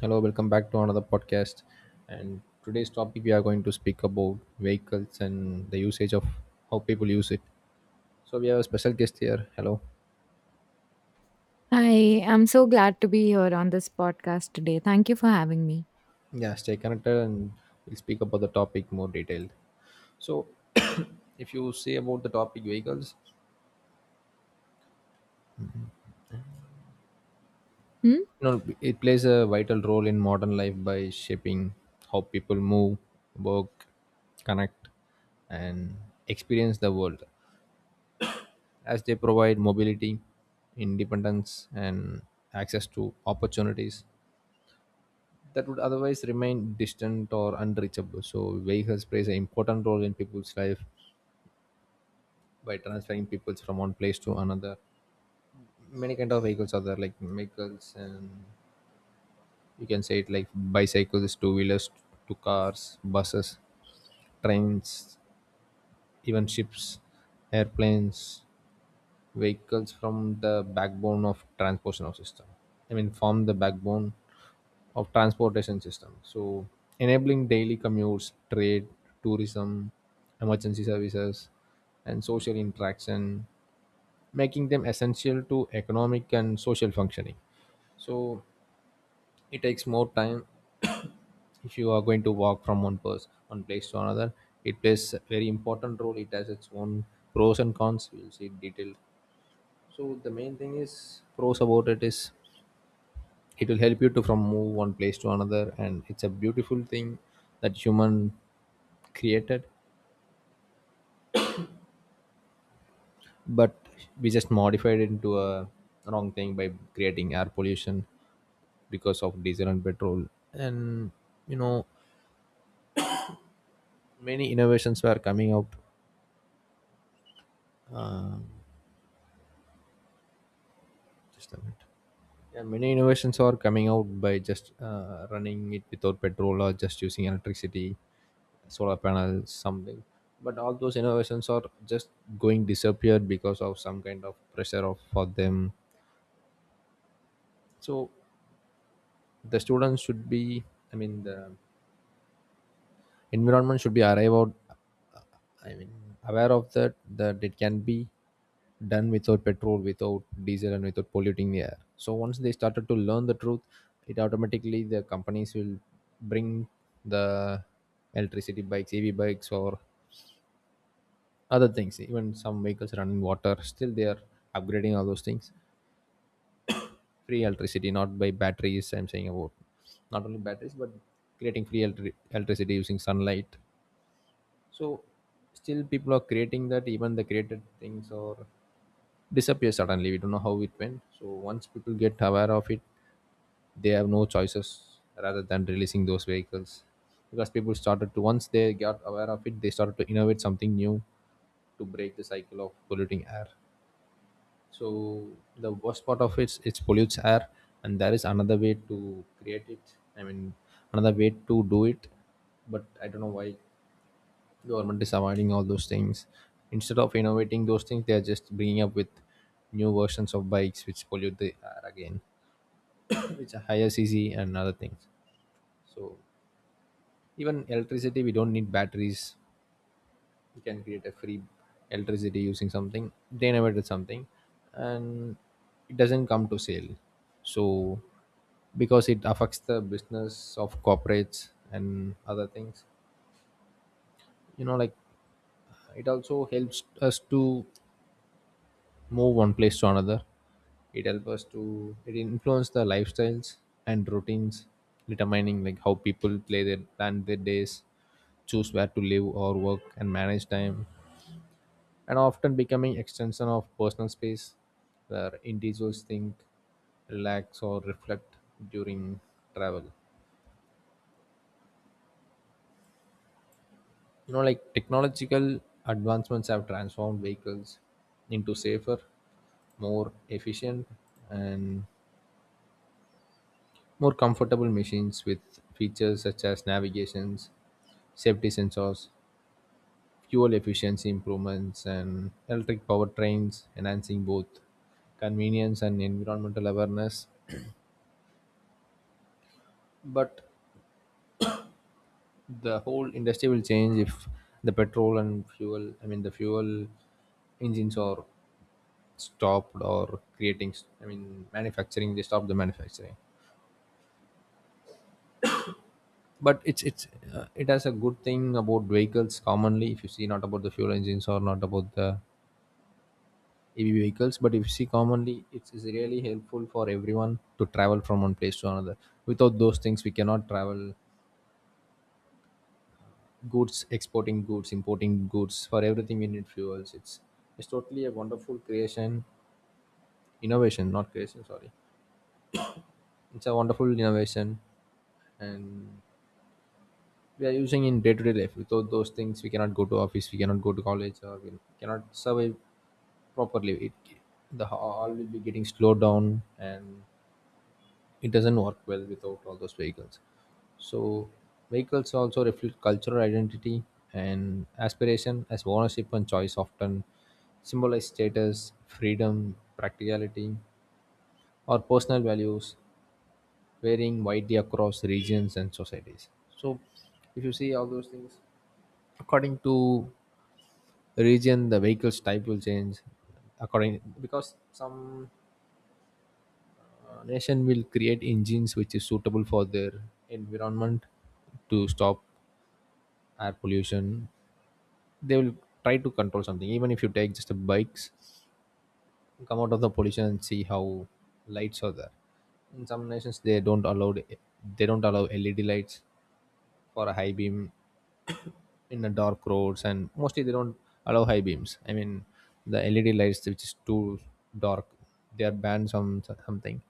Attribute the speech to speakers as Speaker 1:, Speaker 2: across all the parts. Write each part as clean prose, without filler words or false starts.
Speaker 1: Hello, welcome back to another podcast. And today's topic, we are going to speak about vehicles and the usage of how people use it. So we have a special guest here. Hello.
Speaker 2: Hi, I'm so glad to be here on this podcast today. Thank you for having me.
Speaker 1: Yeah, stay connected and we'll speak about the topic more detailed. So if you say about the topic vehicles,
Speaker 2: Hmm?
Speaker 1: you know it plays a vital role in modern life by shaping how people move, work, connect and experience the world, as they provide mobility, independence, and access to opportunities that would otherwise remain distant or unreachable. So, vehicles plays an important role in people's life by transferring people from one place to another. Many kind of vehicles are there, like vehicles, and you can say it like bicycles, two wheelers, to cars, buses, trains, even ships, airplanes, vehicles from the backbone of transportation of system. I mean form the backbone of transportation system, so enabling daily commutes, trade, tourism, emergency services and social interaction, making them essential to economic and social functioning. So it takes more time. If you are going to walk from one place to another, it plays a very important role. It has its own pros and cons, we'll see detail. So the main thing is pros about it is it will help you to from move one place to another, and it's a beautiful thing that human created, but we just modified it into a wrong thing by creating air pollution because of diesel and petrol, and you know many innovations were coming out. Just a minute. Yeah, many innovations are coming out by just running it without petrol or just using electricity, solar panels, something. But all those innovations are just going disappeared because of some kind of pressure of for them. So the students should be. I mean the environment should be arrive out, I mean aware of that, that it can be done without petrol, without diesel and without polluting the air. So once they started to learn the truth, it automatically the companies will bring the electricity bikes, EV bikes or other things. Even some vehicles running water, still they are upgrading all those things. Free electricity, not by batteries I'm saying about, not only batteries but creating free electricity using sunlight. So still people are creating that, even the created things or disappear suddenly. We don't know how it went. So once people get aware of it, they have no choices rather than releasing those vehicles. Because people started to, once they got aware of it, they started to innovate something new to break the cycle of polluting air. So the worst part of it, it pollutes air, and there is another way to create it. I mean, another way to do it, but I don't know why government is avoiding all those things. Instead of innovating those things, they are just bringing up with new versions of bikes which pollute the air again, which are higher cc and other things. So even electricity, we don't need batteries, we can create a free electricity using something. They innovated something, and it doesn't come to sale. So because it affects the business of corporates and other things, you know, like it also helps us to move one place to another. It helps us to, it influence the lifestyles and routines, determining like how people play their plan their days, choose where to live or work and manage time, and often becoming extension of personal space where individuals think, relax or reflect during travel. You know, like technological advancements have transformed vehicles into safer, more efficient and more comfortable machines with features such as navigations, safety sensors, fuel efficiency improvements, and electric powertrains, enhancing both convenience and environmental awareness. But the whole industry will change if the petrol and fuel, I mean, the fuel engines are stopped or creating, I mean, manufacturing, they stop the manufacturing. But it has a good thing about vehicles commonly, if you see, not about the fuel engines or not about the EV vehicles, but if you see commonly, it's really helpful for everyone to travel from one place to another. Without those things we cannot travel, goods exporting, goods importing goods, for everything we need fuels. It's totally a wonderful creation, innovation not creation, sorry, it's a wonderful innovation. And we are using in day-to-day life. Without those things we cannot go to office, we cannot go to college, or we cannot survive properly. It, the all will be getting slowed down, and it doesn't work well without all those vehicles. So vehicles also reflect cultural identity and aspiration, as ownership and choice often symbolize status, freedom, practicality or personal values, varying widely across regions and societies. So if you see all those things, according to region, the vehicles type will change according, because some nation will create engines which is suitable for their environment to stop air pollution. They will try to control something. Even if you take just the bikes, come out of the pollution and see how lights are there. In some nations, they don't allow LED lights for a high beam in the dark roads, and mostly they don't allow high beams, I mean the LED lights which is too dark, they are banned, some something.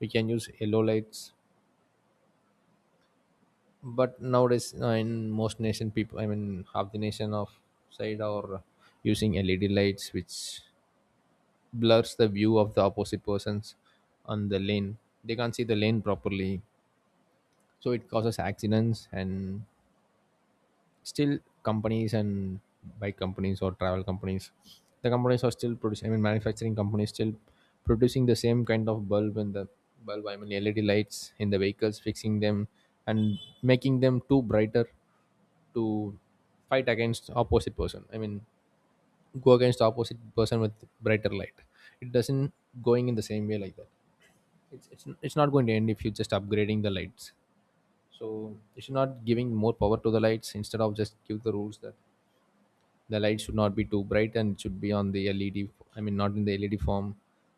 Speaker 1: We can use yellow lights, but nowadays in most nation people, I mean half the nation of side are using LED lights which blurs the view of the opposite persons on the lane. They can't see the lane properly, so it causes accidents. And still companies and bike companies or travel companies, the companies are still producing, I mean manufacturing companies still producing the same kind of bulb, and the bulb I mean LED lights in the vehicles fixing them and making them too brighter to fight against opposite person, I mean go against the opposite person with brighter light. It doesn't going in the same way like that. It's not going to end if you're just upgrading the lights. So you should not giving more power to the lights, instead of just give the rules that the light should not be too bright, and it should be on the led I mean not in the LED form,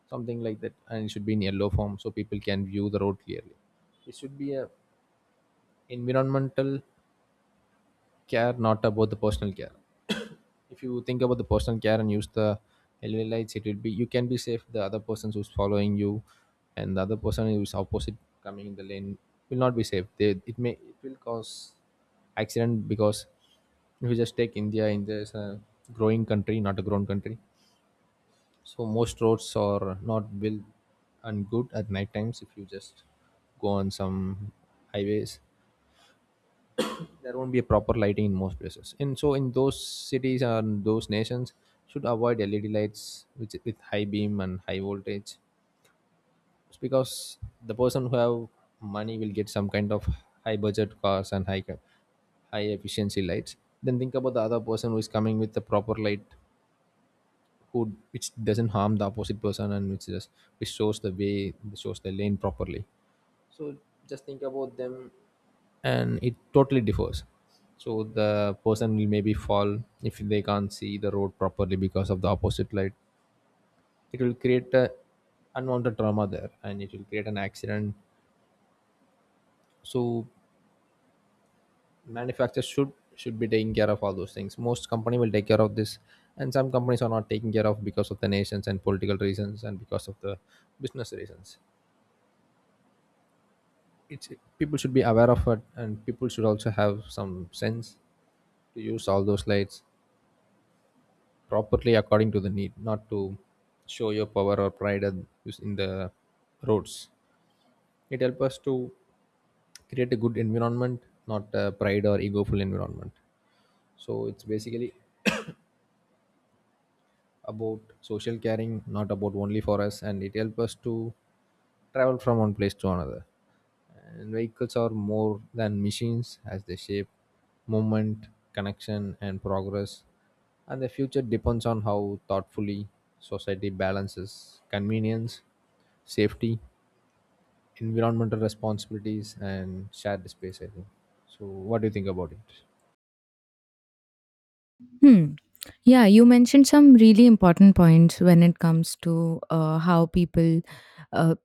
Speaker 1: something like that, and it should be in yellow form so people can view the road clearly. It should be a environmental care, not about the personal care. If you think about the personal care and use the LED lights, it will be, you can be safe. The other person who's following you and the other person who's opposite coming in the lane will not be safe. They, it may, it will cause accident. Because if you just take India, India is a growing country, not a grown country. So most roads are not built and good at night times. If you just go on some highways, there won't be a proper lighting in most places, and so in those cities and those nations should avoid LED lights which with high beam and high voltage. It's because the person who have money will get some kind of high budget cars and high efficiency lights. Then think about the other person who is coming with the proper light, who which doesn't harm the opposite person and which just, which shows the way, which shows the lane properly. So just think about them, and it totally differs. So the person will maybe fall if they can't see the road properly because of the opposite light. It will create a unwanted trauma there, and it will create an accident. So manufacturers should be taking care of all those things. Most company will take care of this, and some companies are not taking care of because of the nations and political reasons and because of the business reasons. It's, people should be aware of it, and people should also have some sense to use all those lights properly according to the need, not to show your power or pride and use in the roads. It helps us to create a good environment, not a pride or egoful environment. So it's basically about social caring, not about only for us, and it helps us to travel from one place to another. And vehicles are more than machines, as they shape movement, connection, and progress. And the future depends on how thoughtfully society balances convenience, safety, environmental responsibilities, and shared space. I think. So, what do you think about it?
Speaker 2: Hmm. Yeah, you mentioned some really important points when it comes to how people uh,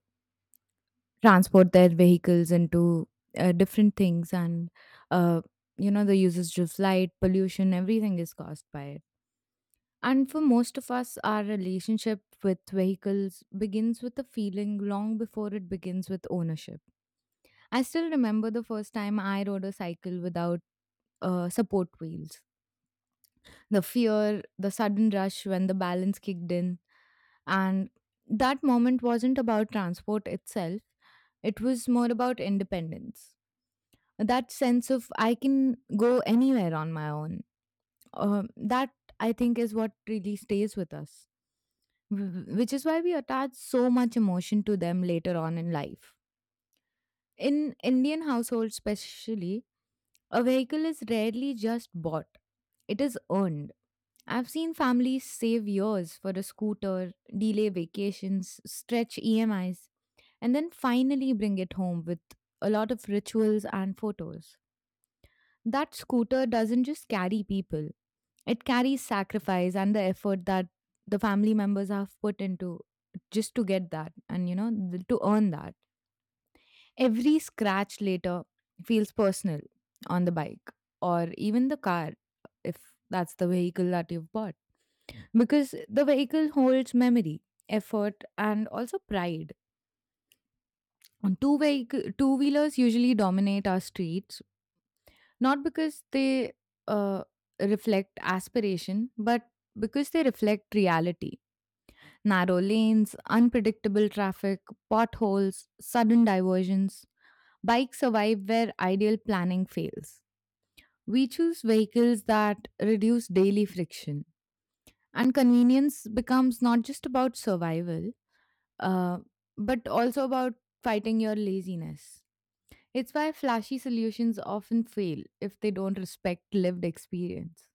Speaker 2: transport their vehicles into different things, and uh, you know the usage of light, pollution, everything is caused by it. And for most of us, our relationship with vehicles begins with a feeling long before it begins with ownership. I still remember the first time I rode a cycle without support wheels. The fear, the sudden rush when the balance kicked in, and that moment wasn't about transport itself, it was more about independence. That sense of I can go anywhere on my own. That I think is what really stays with us. Which is why we attach so much emotion to them later on in life. In Indian households, especially, a vehicle is rarely just bought, it is earned. I've seen families save years for a scooter, delay vacations, stretch EMIs, and then finally bring it home with a lot of rituals and photos. That scooter doesn't just carry people, it carries sacrifice and the effort that the family members have put into just to get that and, you know, to earn that. Every scratch later feels personal on the bike or even the car, if that's the vehicle that you've bought because the vehicle holds memory effort and also pride. On two vehicle two wheelers usually dominate our streets. Not because they uh, reflect aspiration, but because they reflect reality. Narrow lanes, unpredictable traffic, potholes, sudden diversions. Bikes survive where ideal planning fails. We choose vehicles that reduce daily friction. And convenience becomes not just about survival, uh, but also about fighting your laziness. It's why flashy solutions often fail if they don't respect lived experience.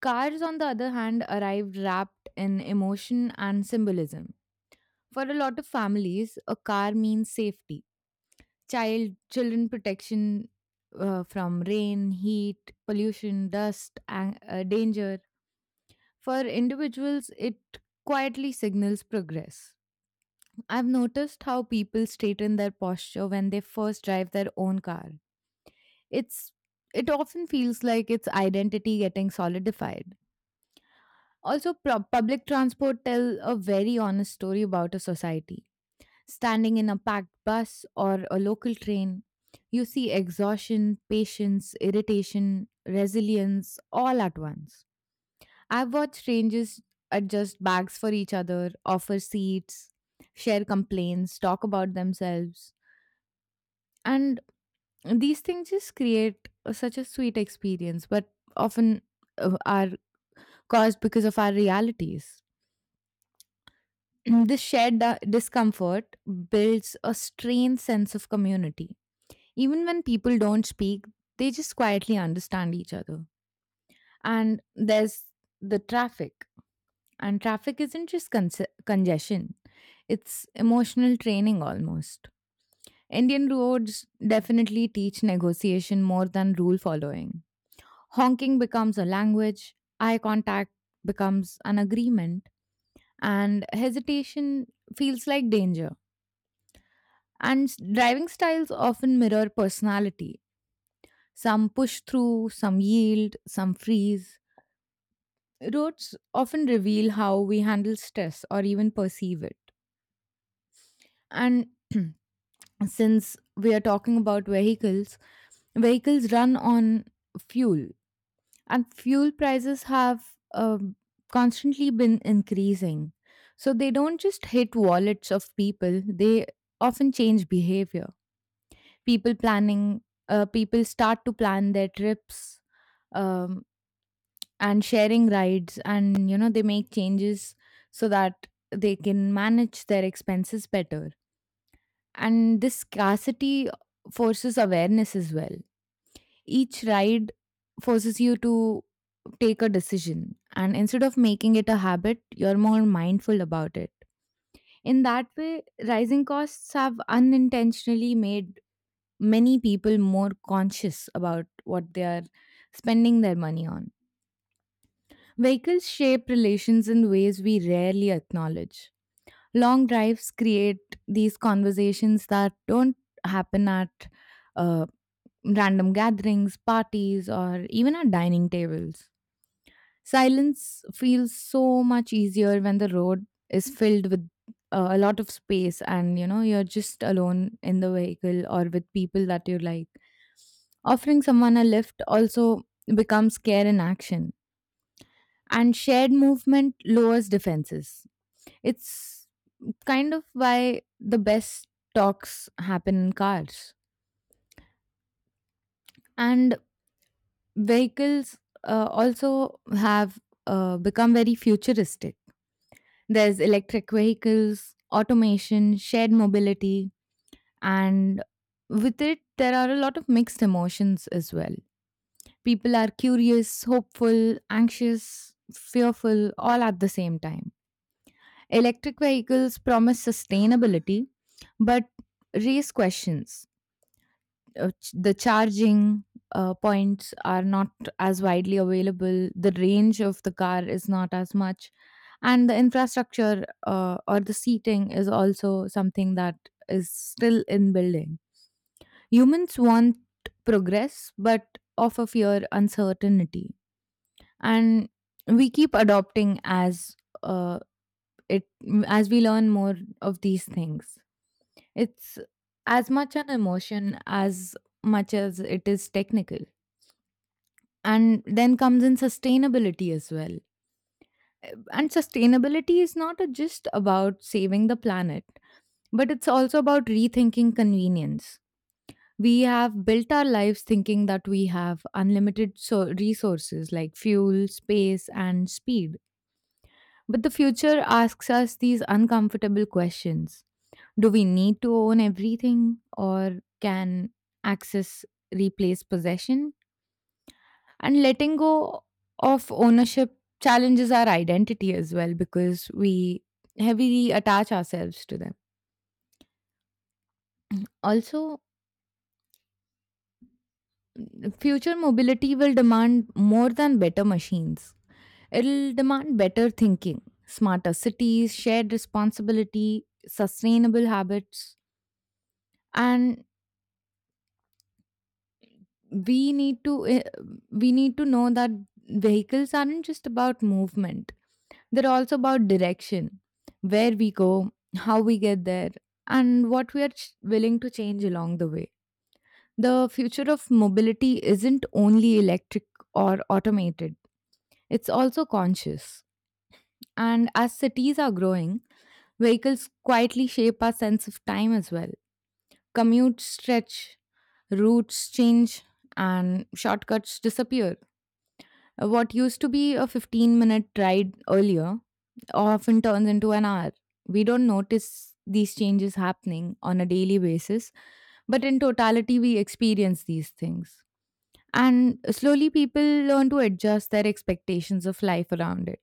Speaker 2: Cars, on the other hand, arrived wrapped in emotion and symbolism. For a lot of families, a car means safety, children protection from rain, heat, pollution, dust, and, danger. For individuals, it quietly signals progress. I've noticed how people straighten their posture when they first drive their own car. It's it often feels like its identity getting solidified. Also, public transport tell a very honest story about a society. Standing in a packed bus or a local train, you see exhaustion, patience, irritation, resilience all at once. I've watched strangers adjust bags for each other, offer seats, share complaints, talk about themselves. And these things just such a sweet experience, but often are caused because of our realities. This shared discomfort builds a strained sense of community. Even when people don't speak, they just quietly understand each other. And there's the traffic. And traffic isn't just congestion, it's emotional training almost. Indian roads definitely teach negotiation more than rule following. Honking becomes a language, eye contact becomes an agreement, and hesitation feels like danger. Driving styles often mirror personality. Some push through, some yield, some freeze. Roads often reveal how we handle stress or even perceive it. And since we are talking about vehicles, vehicles run on fuel, and fuel prices have constantly been increasing. So they don't just hit wallets of people, they often change behavior. People planning uh, people start to plan their trips, um, and sharing rides, and you know they make changes so that they can manage their expenses better. And this scarcity forces awareness as well. Each ride forces you to take a decision, and instead of making it a habit you're more mindful about it. In that way rising costs have unintentionally made many people more conscious about what they are spending their money on. Vehicles shape relations in ways we rarely acknowledge. Long drives create these conversations that don't happen at uh, random gatherings, parties, or even at dining tables. Silence feels so much easier when the road is filled with a lot of space and you know you're just alone in the vehicle or with people that you like. Offering someone a lift also becomes care in action, and shared movement lowers defenses. It's kind of why the best talks happen in cars. And vehicles also have become very futuristic. There's electric vehicles, automation, shared mobility, and with it, there are a lot of mixed emotions as well. People are curious, hopeful, anxious, fearful, all at the same time. Electric vehicles promise sustainability, but raise questions. The charging points are not as widely available, the range of the car is not as much, and the infrastructure or the seating is also something that is still in building. Humans want progress but often fear uncertainty, and we keep adopting as uh, it as we learn more of these things. It's as much an emotion as much as it is technical. And then comes in sustainability as well. And sustainability is not a- just about saving the planet. But it's also about rethinking convenience. We have built our lives thinking that we have unlimited resources like fuel, space, and speed. But the future asks us these uncomfortable questions. Do we need to own everything, or can access replace possession? And letting go of ownership challenges our identity as well because we heavily attach ourselves to them also. Future mobility will demand more than better machines. It'll demand better thinking, smarter cities, shared responsibility, sustainable habits, and we need to eh, we need to know that vehicles aren't just about movement. They're also about direction, where we go, how we get there, and what we willing to change along the way. The future of mobility isn't only electric or automated, it's also conscious. And as cities are growing, vehicles quietly shape our sense of time as well. Commutes stretch, routes change, and shortcuts disappear. What used to be a 15-minute ride earlier often turns into an hour. We don't notice these changes happening on a daily basis, but in totality, we experience these things. And slowly, people learn to adjust their expectations of life around it.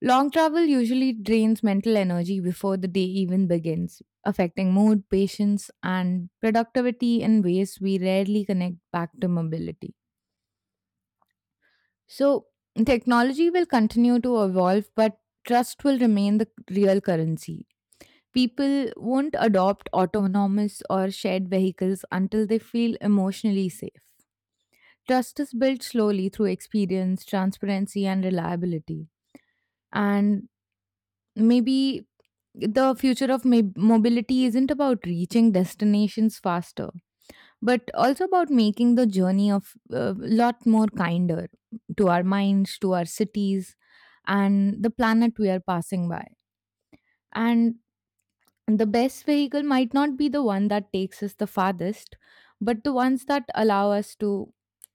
Speaker 2: Long travel usually drains mental energy before the day even begins, affecting mood, patience, and productivity in ways we rarely connect back to mobility. So, technology will continue to evolve, but trust will remain the real currency. People won't adopt autonomous or shared vehicles until they feel emotionally safe. Trust is built slowly through experience, transparency, and reliability. And maybe the future of mobility isn't about reaching destinations faster, but also about making the journey of a lot more kinder to our minds, to our cities, and the planet we are passing by. And the best vehicle might not be the one that takes us the farthest, but the ones that allow us to,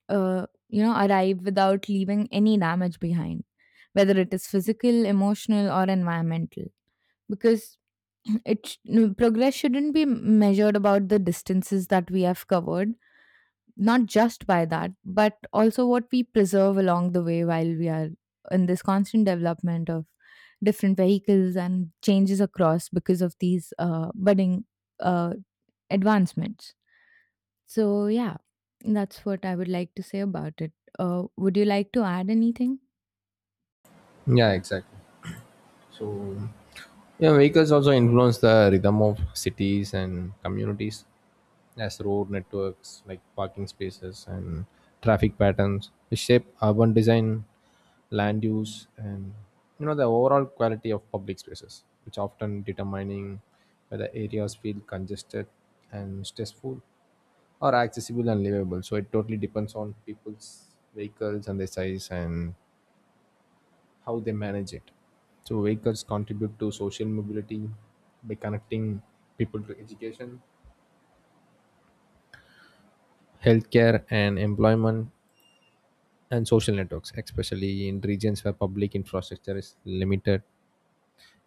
Speaker 2: you know, arrive without leaving any damage behind, whether it is physical, emotional, or environmental. Because it sh- no, progress shouldn't be measured about the distances that we have covered, not just by that, but also what we preserve along the way while we are in this constant development of different vehicles and changes across because of these budding uh, advancements. So, yeah, that's what I would like to say about it. Would you like to add anything?
Speaker 1: Yeah, exactly. So, yeah, vehicles also influence the rhythm of cities and communities, as road networks like parking spaces and traffic patterns. They shape urban design, land use, and the overall quality of public spaces, which often determining whether areas feel congested and stressful or accessible and livable. So it totally depends on people's vehicles and their size and how they manage it. So vehicles contribute to social mobility by connecting people to education, healthcare, and employment, and social networks, especially in regions where public infrastructure is limited,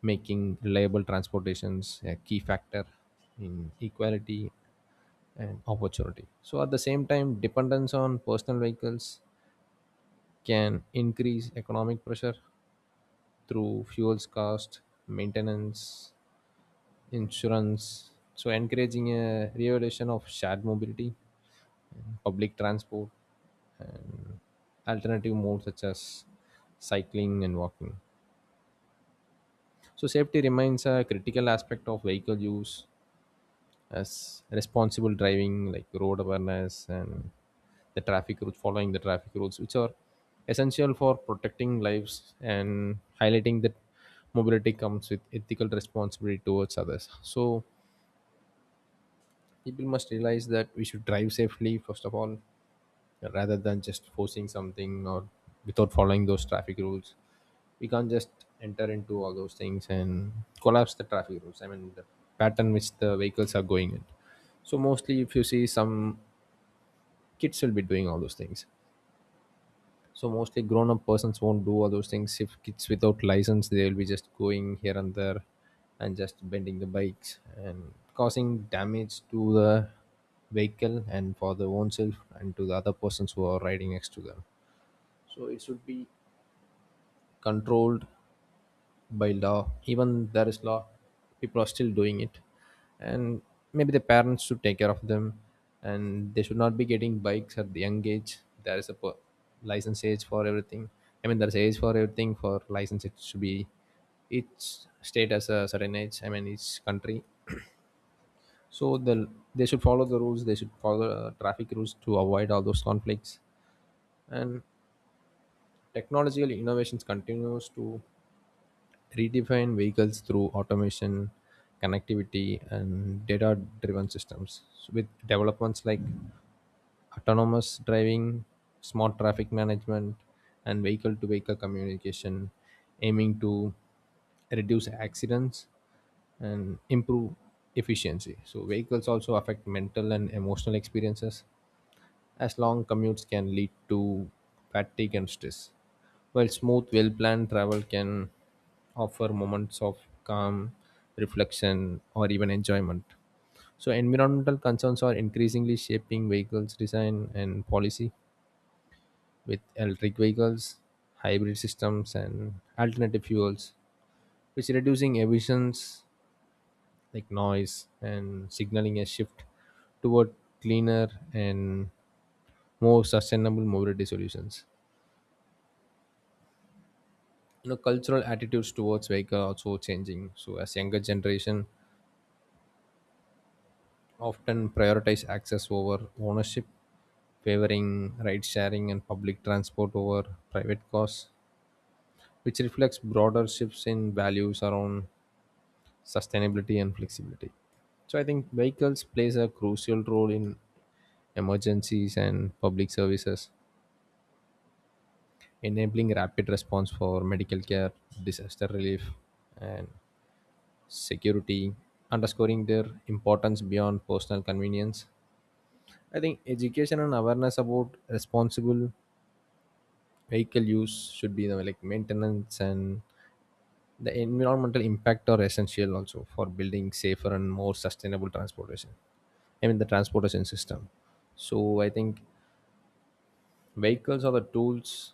Speaker 1: making reliable transportations a key factor in equality and opportunity. So, at the same time, dependence on personal vehicles can increase economic pressure through fuels cost, maintenance, insurance. So, encouraging a revolution of shared mobility, public transport, and alternative modes such as cycling and walking. So, safety remains a critical aspect of vehicle use as responsible driving like road awareness and the traffic rules following the traffic rules, which are essential for protecting lives and highlighting that mobility comes with ethical responsibility towards others. So people must realize that we should drive safely first of all, rather than just forcing something or without following those traffic rules. We can't just enter into all those things and collapse the traffic rules, I mean the pattern which the vehicles are going in. So mostly if you see, some kids will be doing all those things, so mostly grown-up persons won't do all those things. If kids without license, they'll be just going here and there, and just bending the bikes and causing damage to the vehicle and for their own self and to the other persons who are riding next to them. So it should be controlled by law. Even there is law, people are still doing it, and maybe the parents should take care of them and they should not be getting bikes at the young age. There is a per- license age for everything. I mean, there's age for everything for license. It should be each state has a certain age, I mean each country. So they should follow the rules. They should follow traffic rules to avoid all those conflicts. And technological innovations continues to redefine vehicles through automation, connectivity, and data driven systems. So with developments like autonomous driving, smart traffic management, and vehicle to vehicle communication, aiming to reduce accidents and improve efficiency. So, vehicles also affect mental and emotional experiences as long commutes can lead to fatigue and stress, while smooth, well planned travel can offer moments of calm, reflection, or even enjoyment. So, environmental concerns are increasingly shaping vehicles design and policy with electric vehicles, hybrid systems, and alternative fuels, which reducing emissions like noise and signaling a shift toward cleaner and more sustainable mobility solutions. Cultural attitudes towards vehicle are also changing, so as younger generation often prioritize access over ownership, favoring ride sharing and public transport over private cars, which reflects broader shifts in values around sustainability and flexibility. So I think vehicles plays a crucial role in emergencies and public services, enabling rapid response for medical care, disaster relief, and security, underscoring their importance beyond personal convenience. I think education and awareness about responsible vehicle use should be the like maintenance and the environmental impact are essential also for building safer and more sustainable transportation. I mean the transportation system. So I think vehicles are the tools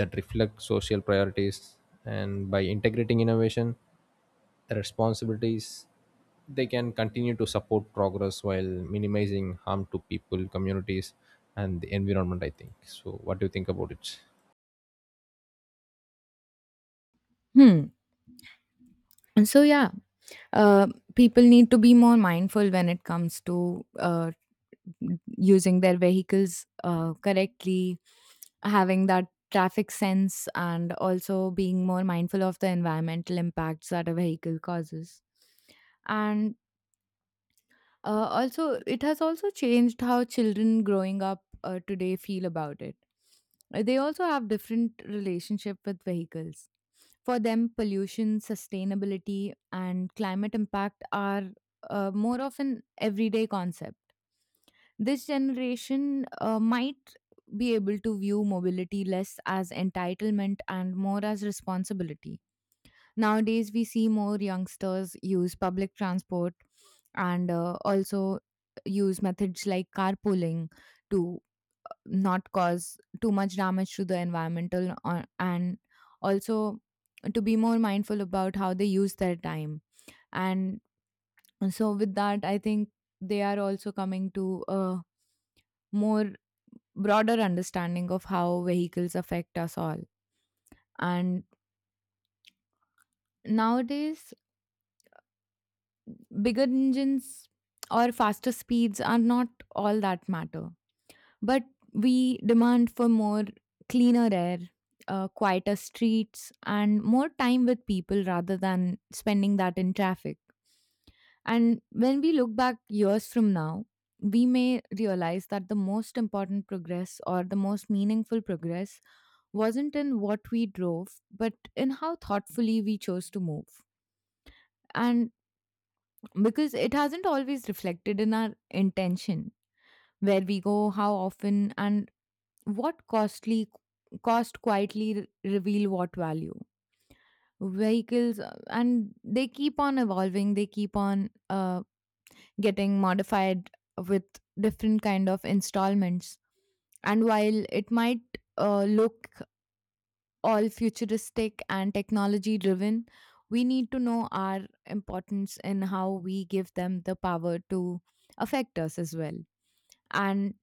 Speaker 1: that reflect social priorities, and by integrating innovation responsibilities, they can continue to support progress while minimizing harm to people, communities, and the environment, I think. So, what do you think about it?
Speaker 2: Hmm. And so, yeah, uh, people need to be more mindful when it comes to using their vehicles correctly, having that traffic sense, and also being more mindful of the environmental impacts that a vehicle causes. And also, it has also changed how children growing up today feel about it. They also have different relationship with vehicles. For them, pollution, sustainability, and climate impact are more of an everyday concept. This generation might be able to view mobility less as entitlement and more as responsibility. Nowadays, we see more youngsters use public transport and also use methods like carpooling to not cause too much damage to the environmental and also to be more mindful about how they use their time. And so with that I think they are also coming to a more broader understanding of how vehicles affect us all. And nowadays, bigger engines or faster speeds are not all that matter, but we demand for more cleaner air, quieter streets, and more time with people rather than spending that in traffic. And when we look back years from now, we may realize that the most important progress or the most meaningful progress wasn't in what we drove, but in how thoughtfully we chose to move. And because it hasn't always reflected in our intention, where we go, how often, and what costly cost quietly reveal what value. Vehicles and they keep on evolving, they keep on getting modified with different kind of installments. And while it might look all futuristic and technology driven, we need to know our importance in how we give them the power to affect us as well. And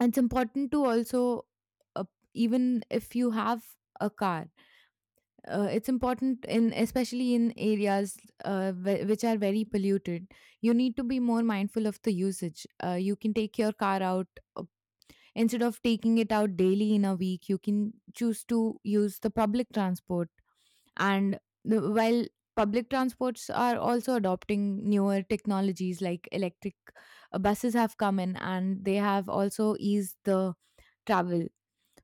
Speaker 2: it's important to also, uh, even if you have a car, it's important in especially in areas which are very polluted. You need to be more mindful of the usage. You can take your car out uh, instead of taking it out daily in a week. You can choose to use the public transport. And while public transports are also adopting newer technologies like electric buses have come in and they have also eased the travel.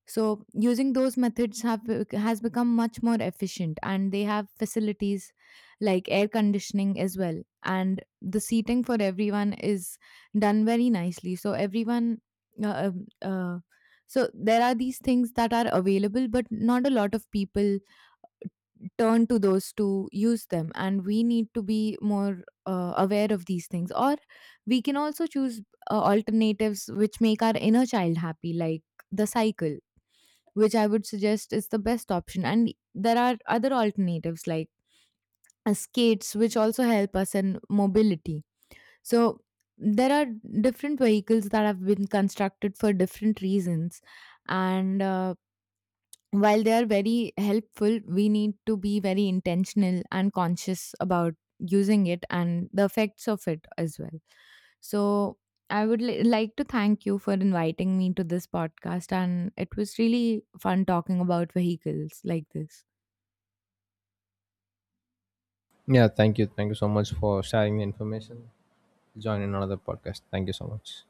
Speaker 2: So using those methods has become much more efficient and they have facilities like air conditioning as well and the seating for everyone is done very nicely. So everyone uh, uh, uh, so there are these things that are available but not a lot of people turn to those to use them, and we need to be more aware of these things. Or we can also choose alternatives which make our inner child happy like the cycle, which I would suggest is the best option. And there are other alternatives like skates which also help us in mobility. So there are different vehicles that have been constructed for different reasons, and while they are very helpful, we need to be very intentional and conscious about using it and the effects of it as well. So, I would like to thank you for inviting me to this podcast, and it was really fun talking about vehicles like this.
Speaker 1: Yeah, thank you. Thank you so much for sharing the information. Join in another podcast. Thank you so much.